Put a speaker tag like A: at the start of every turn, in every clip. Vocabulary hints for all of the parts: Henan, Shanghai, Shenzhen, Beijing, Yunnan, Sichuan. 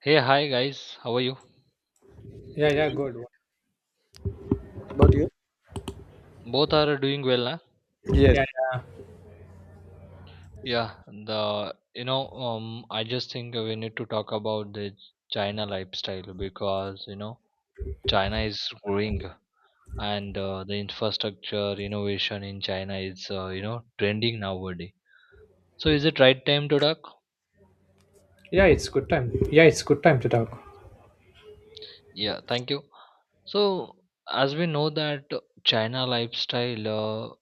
A: Hey, hi guys, how are you?
B: Yeah, yeah,
C: What
B: good.
C: about you?
A: Both are doing well, huh?
B: Yeah,
C: Yes.
B: yeah,
A: Yeah, I just think we need to talk about the China lifestyle because China is growing and the infrastructure innovation in China is trending nowadays. So, is it right time to talk?
B: Yeah, it's good time. Yeah, it's good time to talk.
A: Yeah, thank you. So, as we know that China lifestyle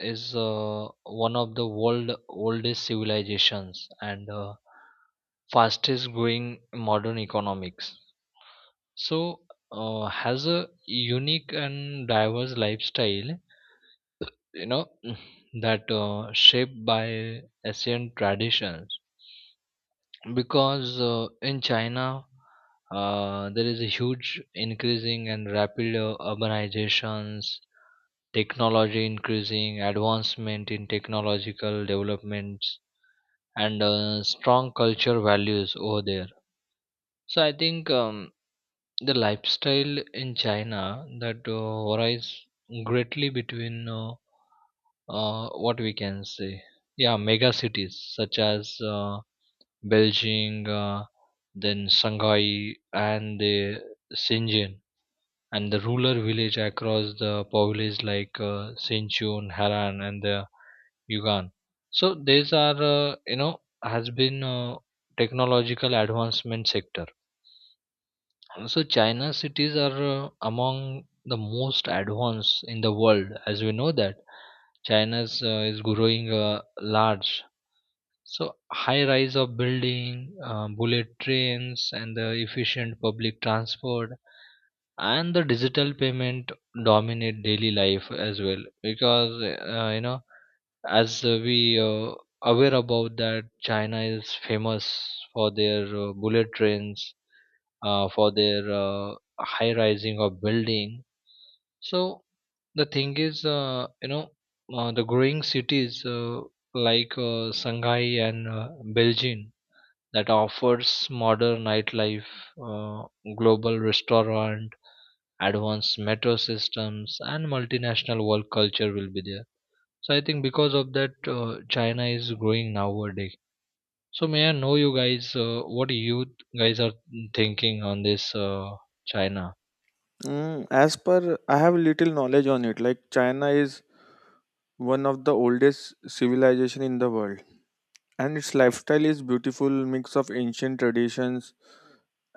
A: is one of the world oldest civilizations and fastest growing modern economics. So, has a unique and diverse lifestyle, you know, that shaped by ancient traditions because in China there is a huge increasing and rapid urbanizations, technology increasing, advancement in technological developments, and strong culture values over there. So I think the lifestyle in China that varies greatly between what we can say, yeah, mega cities such as. Beijing, then Shanghai, and the Shenzhen, and the rural village across the province like Sichuan, Henan, and the Yunnan. So these are has been technological advancement sector. So China cities are among the most advanced in the world, as we know that China's is growing large so high rise of building, bullet trains, and the efficient public transport and the digital payment dominate daily life as well because as we aware about that China is famous for their bullet trains, for their high rising of building so the thing is, the growing cities like Shanghai and Beijing that offers modern nightlife, uh, global restaurant, advanced metro systems, and multinational world culture will be there. So I think because of that, China is growing nowadays. So may I know you guys what you guys are thinking on this China?
C: As per, I have little knowledge on it. Like China is one of the oldest civilization in the world, and its lifestyle is beautiful mix of ancient traditions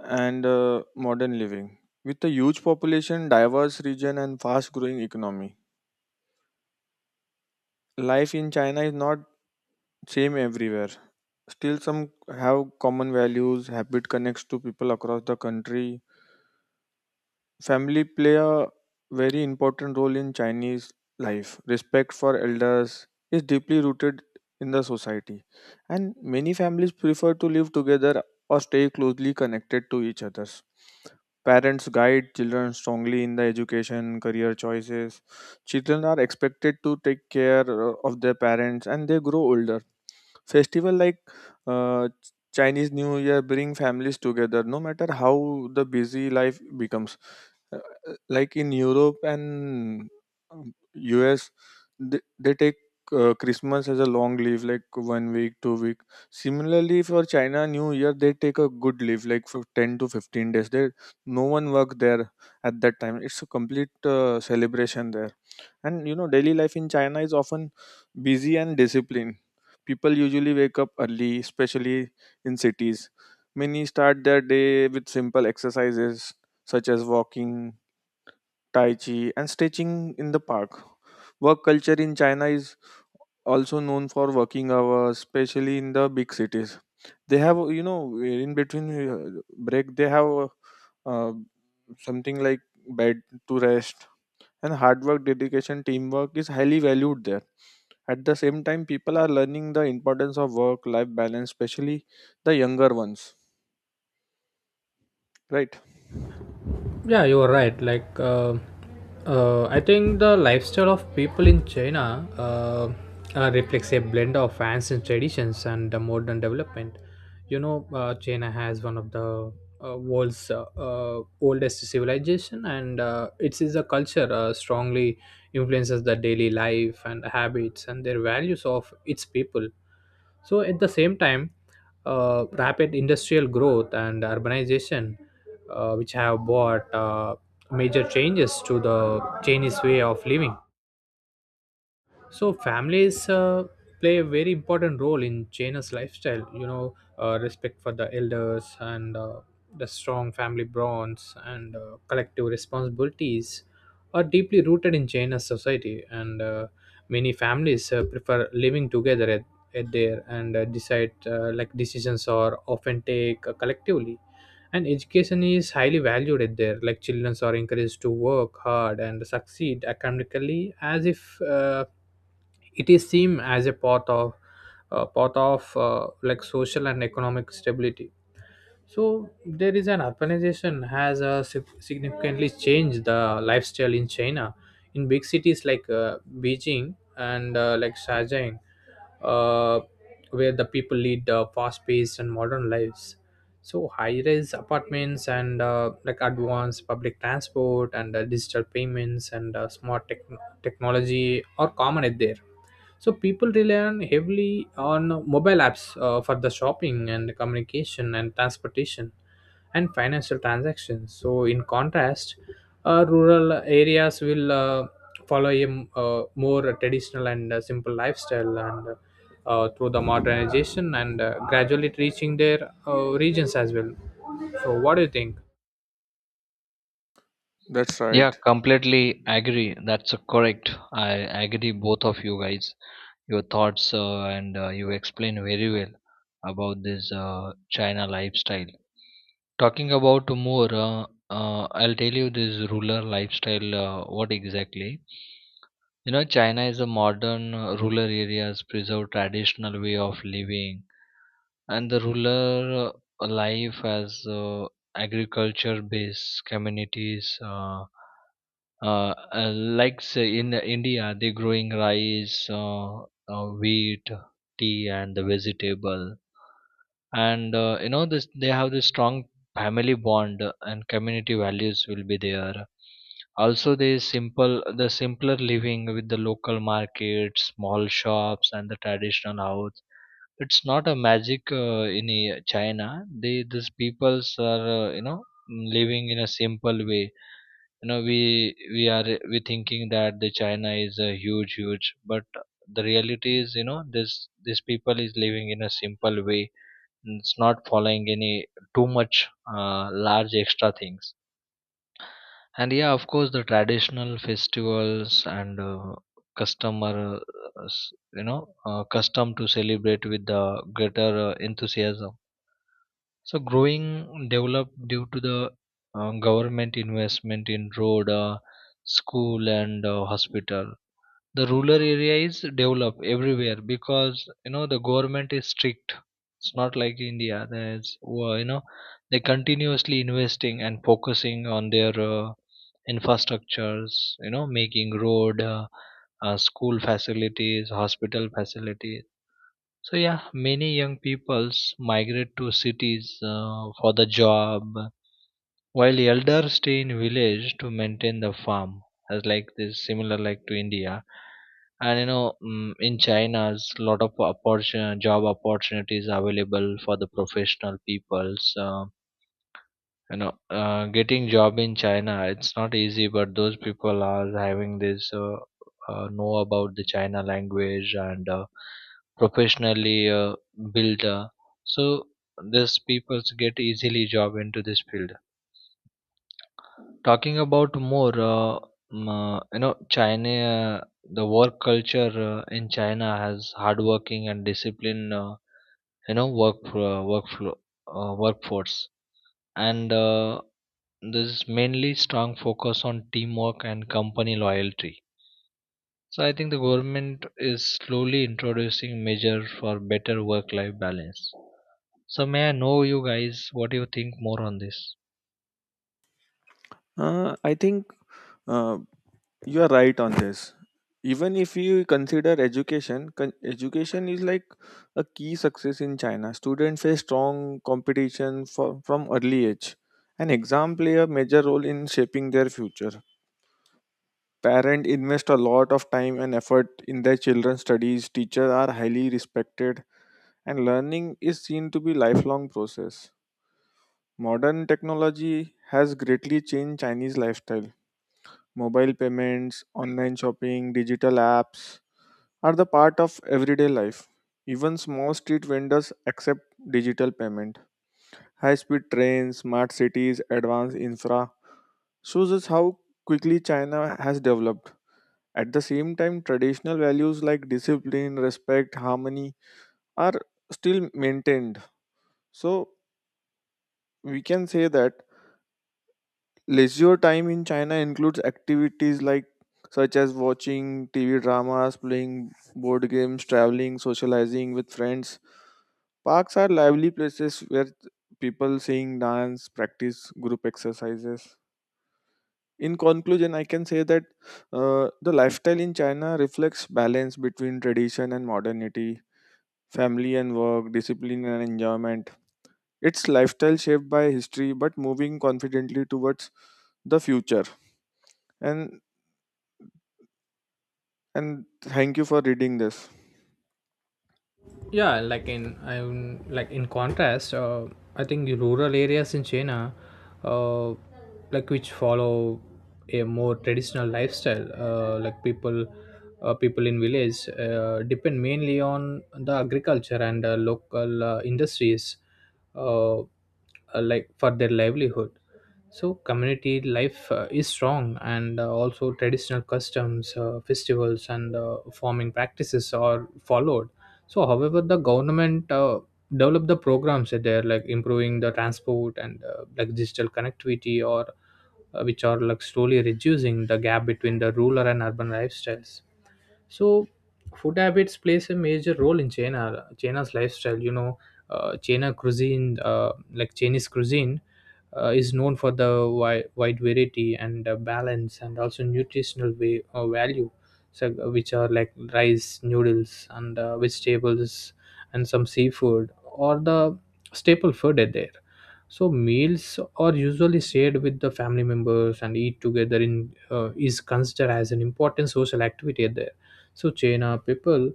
C: and modern living. With a huge population, diverse region, and fast growing economy, life in China is not same everywhere. Still, some have common values. Habit connects to people across the country. Family play a very important role in Chinese life. Respect for elders is deeply rooted in the society, and many families prefer to live together or stay closely connected to each other. Parents guide children strongly in the education, career choices. Children are expected to take care of their parents and they grow older. Festival like Chinese New Year bring families together no matter how the busy life becomes. Uh, like in Europe and um, US, they take Christmas as a long leave, like 1 week, 2 week. Similarly, for China New Year, they take a good leave, like for 10 to 15 days. There, no one work there at that time. It's a complete celebration there, and you know, daily life in China is often busy and disciplined. People usually wake up early, especially in cities. Many start their day with simple exercises such as walking, tai chi, and stretching in the park. Work culture in China is also known for working hours, especially in the big cities. They have, you know, in between break, they have uh, something like bed to rest. And hard work, dedication, teamwork is highly valued there. At the same time, people are learning the importance of work-life balance, especially the younger ones. Right?
B: Yeah, you're right. I think the lifestyle of people in China reflects a blend of ancient traditions and the modern development. China has one of the world's oldest civilization, and it is a culture strongly influences the daily life and habits and their values of its people. So, at the same time, rapid industrial growth and urbanization which have brought major changes to the Chinese way of living. So families play a very important role in China's lifestyle. Respect for the elders and the strong family bonds and collective responsibilities are deeply rooted in China's society, and many families prefer living together at there and decide like decisions are often take collectively, and education is highly valued at there. Like children are encouraged to work hard and succeed academically as if uh, it is seen as a part of like social and economic stability. So there is an urbanization has significantly changed the lifestyle in China. In big cities like Beijing and like Shenzhen, uh, where the people lead fast-paced and modern lives, so high-rise apartments and like advanced public transport and digital payments and smart technology are common at there, so people rely on heavily on mobile apps for the shopping and communication and transportation and financial transactions. So in contrast, rural areas will follow a more traditional and simple lifestyle, and through the modernization and gradually reaching their regions as well. So what do you think?
C: That's
A: Yeah,
C: right.
A: completely agree. That's correct. I agree both of you guys. Your thoughts and you explain very well about this China lifestyle. Talking about more, I'll tell you this rural lifestyle. What exactly? You know, China is a modern rural areas preserve traditional way of living, and the rural life as agriculture based communities. Uh, like say in India, they're growing rice, wheat, tea, and the vegetable. And you know this, they have this strong family bond and community values will be there. Also, the simpler living with the local markets, small shops, and the traditional house. It's not a magic in China. They these peoples are living in a simple way. You know we we are we thinking that the china is a huge but the reality is this people is living in a simple way. It's not following any too much large extra things. And yeah of course the traditional festivals and customer custom to celebrate with the greater enthusiasm. So growing developed due to the government investment in road, school, and hospital. The rural area is developed everywhere because you know the government is strict. It's not like India. There's well, you know they continuously investing and focusing on their infrastructures. You know making road, school facilities, hospital facilities. So yeah, many young peoples migrate to cities for the job, while elders stay in village to maintain the farm. As like this, similar like to India, and you know, in China's lot of opportun job opportunities available for the professional peoples. You know Getting job in china it's not easy but those people are having this know about the china language and professionally built so these people get easily job into this field. Talking about more, china the work culture in china has hardworking and disciplined work workflow workforce and this is mainly strong focus on teamwork and company loyalty. So I think the government is slowly introducing measures for better work-life balance. So may I know you guys what do you think more on this?
C: I think uh, You are right on this. Even if you consider education, education is like a key success in China. Students face strong competition for, from early age, and exam play a major role in shaping their future. Parents invest a lot of time and effort in their children's studies. Teachers are highly respected, and learning is seen to be lifelong process. Modern technology has greatly changed Chinese lifestyle. Mobile payments, online shopping, digital apps are the part of everyday life. Even small street vendors accept digital payment. High speed trains, smart cities, advanced infra shows us how quickly China has developed. At the same time, traditional values like discipline, respect, harmony are still maintained. So, we can say that leisure time in China includes activities like such as watching TV dramas, playing board games, traveling, socializing with friends. Parks are lively places where people sing, dance, practice group exercises. In conclusion, I can say that the lifestyle in China reflects balance between tradition and modernity, family and work, discipline and enjoyment. It's lifestyle shaped by history but moving confidently towards the future. And and thank you for reading this.
B: Yeah, like in contrast, I think the rural areas in China uh, like which follow a more traditional lifestyle, like people in village depend mainly on the agriculture and local industries uh, uh, like for their livelihood. So community life is strong, and also traditional customs festivals and farming practices are followed. So however, the government develop the programs there, like improving the transport and like digital connectivity, or which are like slowly reducing the gap between the rural and urban lifestyles. So food habits plays a major role in china's lifestyle. You know, china cuisine like chinese cuisine is known for the wide variety and balance and also nutritional way, value. So which are like rice noodles and vegetables and some seafood or the staple food are there. So meals are usually shared with the family members, and eat together in is considered as an important social activity there. So china people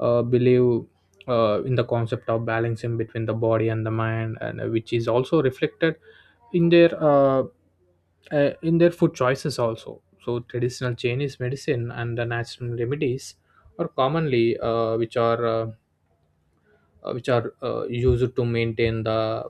B: believe in the concept of balancing between the body and the mind, and which is also reflected in their uh, in their food choices also. So traditional Chinese medicine and the natural remedies are commonly which are used to maintain the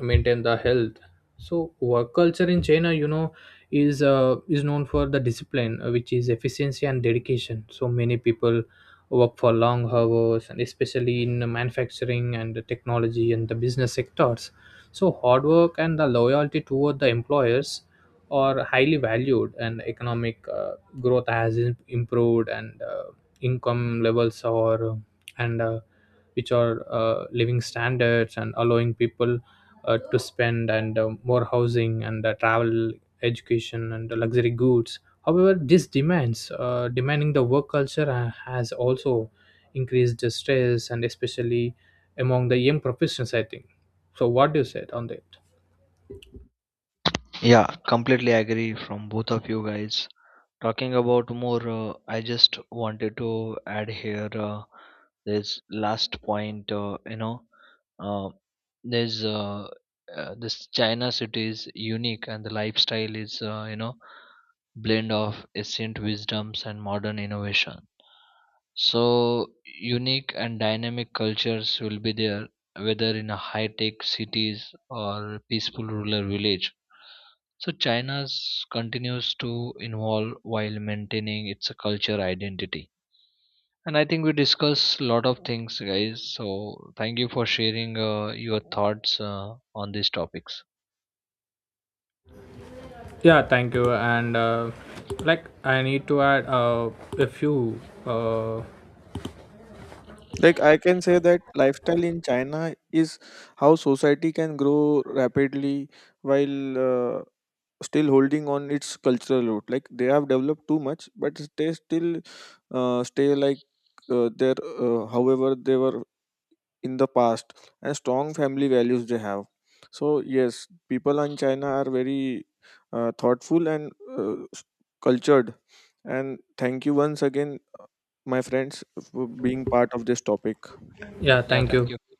B: maintain the health. So work culture in china, you know, is known for the discipline which is efficiency and dedication. So many people work for long hours, and especially in the manufacturing and the technology and the business sectors. So hard work and the loyalty toward the employers are highly valued, and economic growth has improved, and income levels are and which are living standards and allowing people to spend and more housing and travel education and the luxury goods. However, this demands demanding the work culture has also increased the stress, and especially among the young professionals, I think. So what do you say on that?
A: Yeah, completely agree from both of you guys. Talking about more, I just wanted to add here this last point. Uh, there's this China city is unique, and the lifestyle is blend of ancient wisdoms and modern innovation. So unique and dynamic cultures will be there, whether in a high-tech cities or peaceful rural village. So China's continues to evolve while maintaining its culture identity. And I think we discussed a lot of things, guys. So thank you for sharing your thoughts on these topics.
B: Yeah, thank you. And like I need to add a few uh,
C: Like I can say that lifestyle in China is how society can grow rapidly while still holding on its cultural root. Like they have developed too much, but they still stay like their however they were in the past and strong family values they have. So yes, people in China are very thoughtful and uh, s- cultured. And thank you once again my friends, for being part of this topic.
B: yeah,
A: Yeah,
B: thank
A: thank you.
B: you.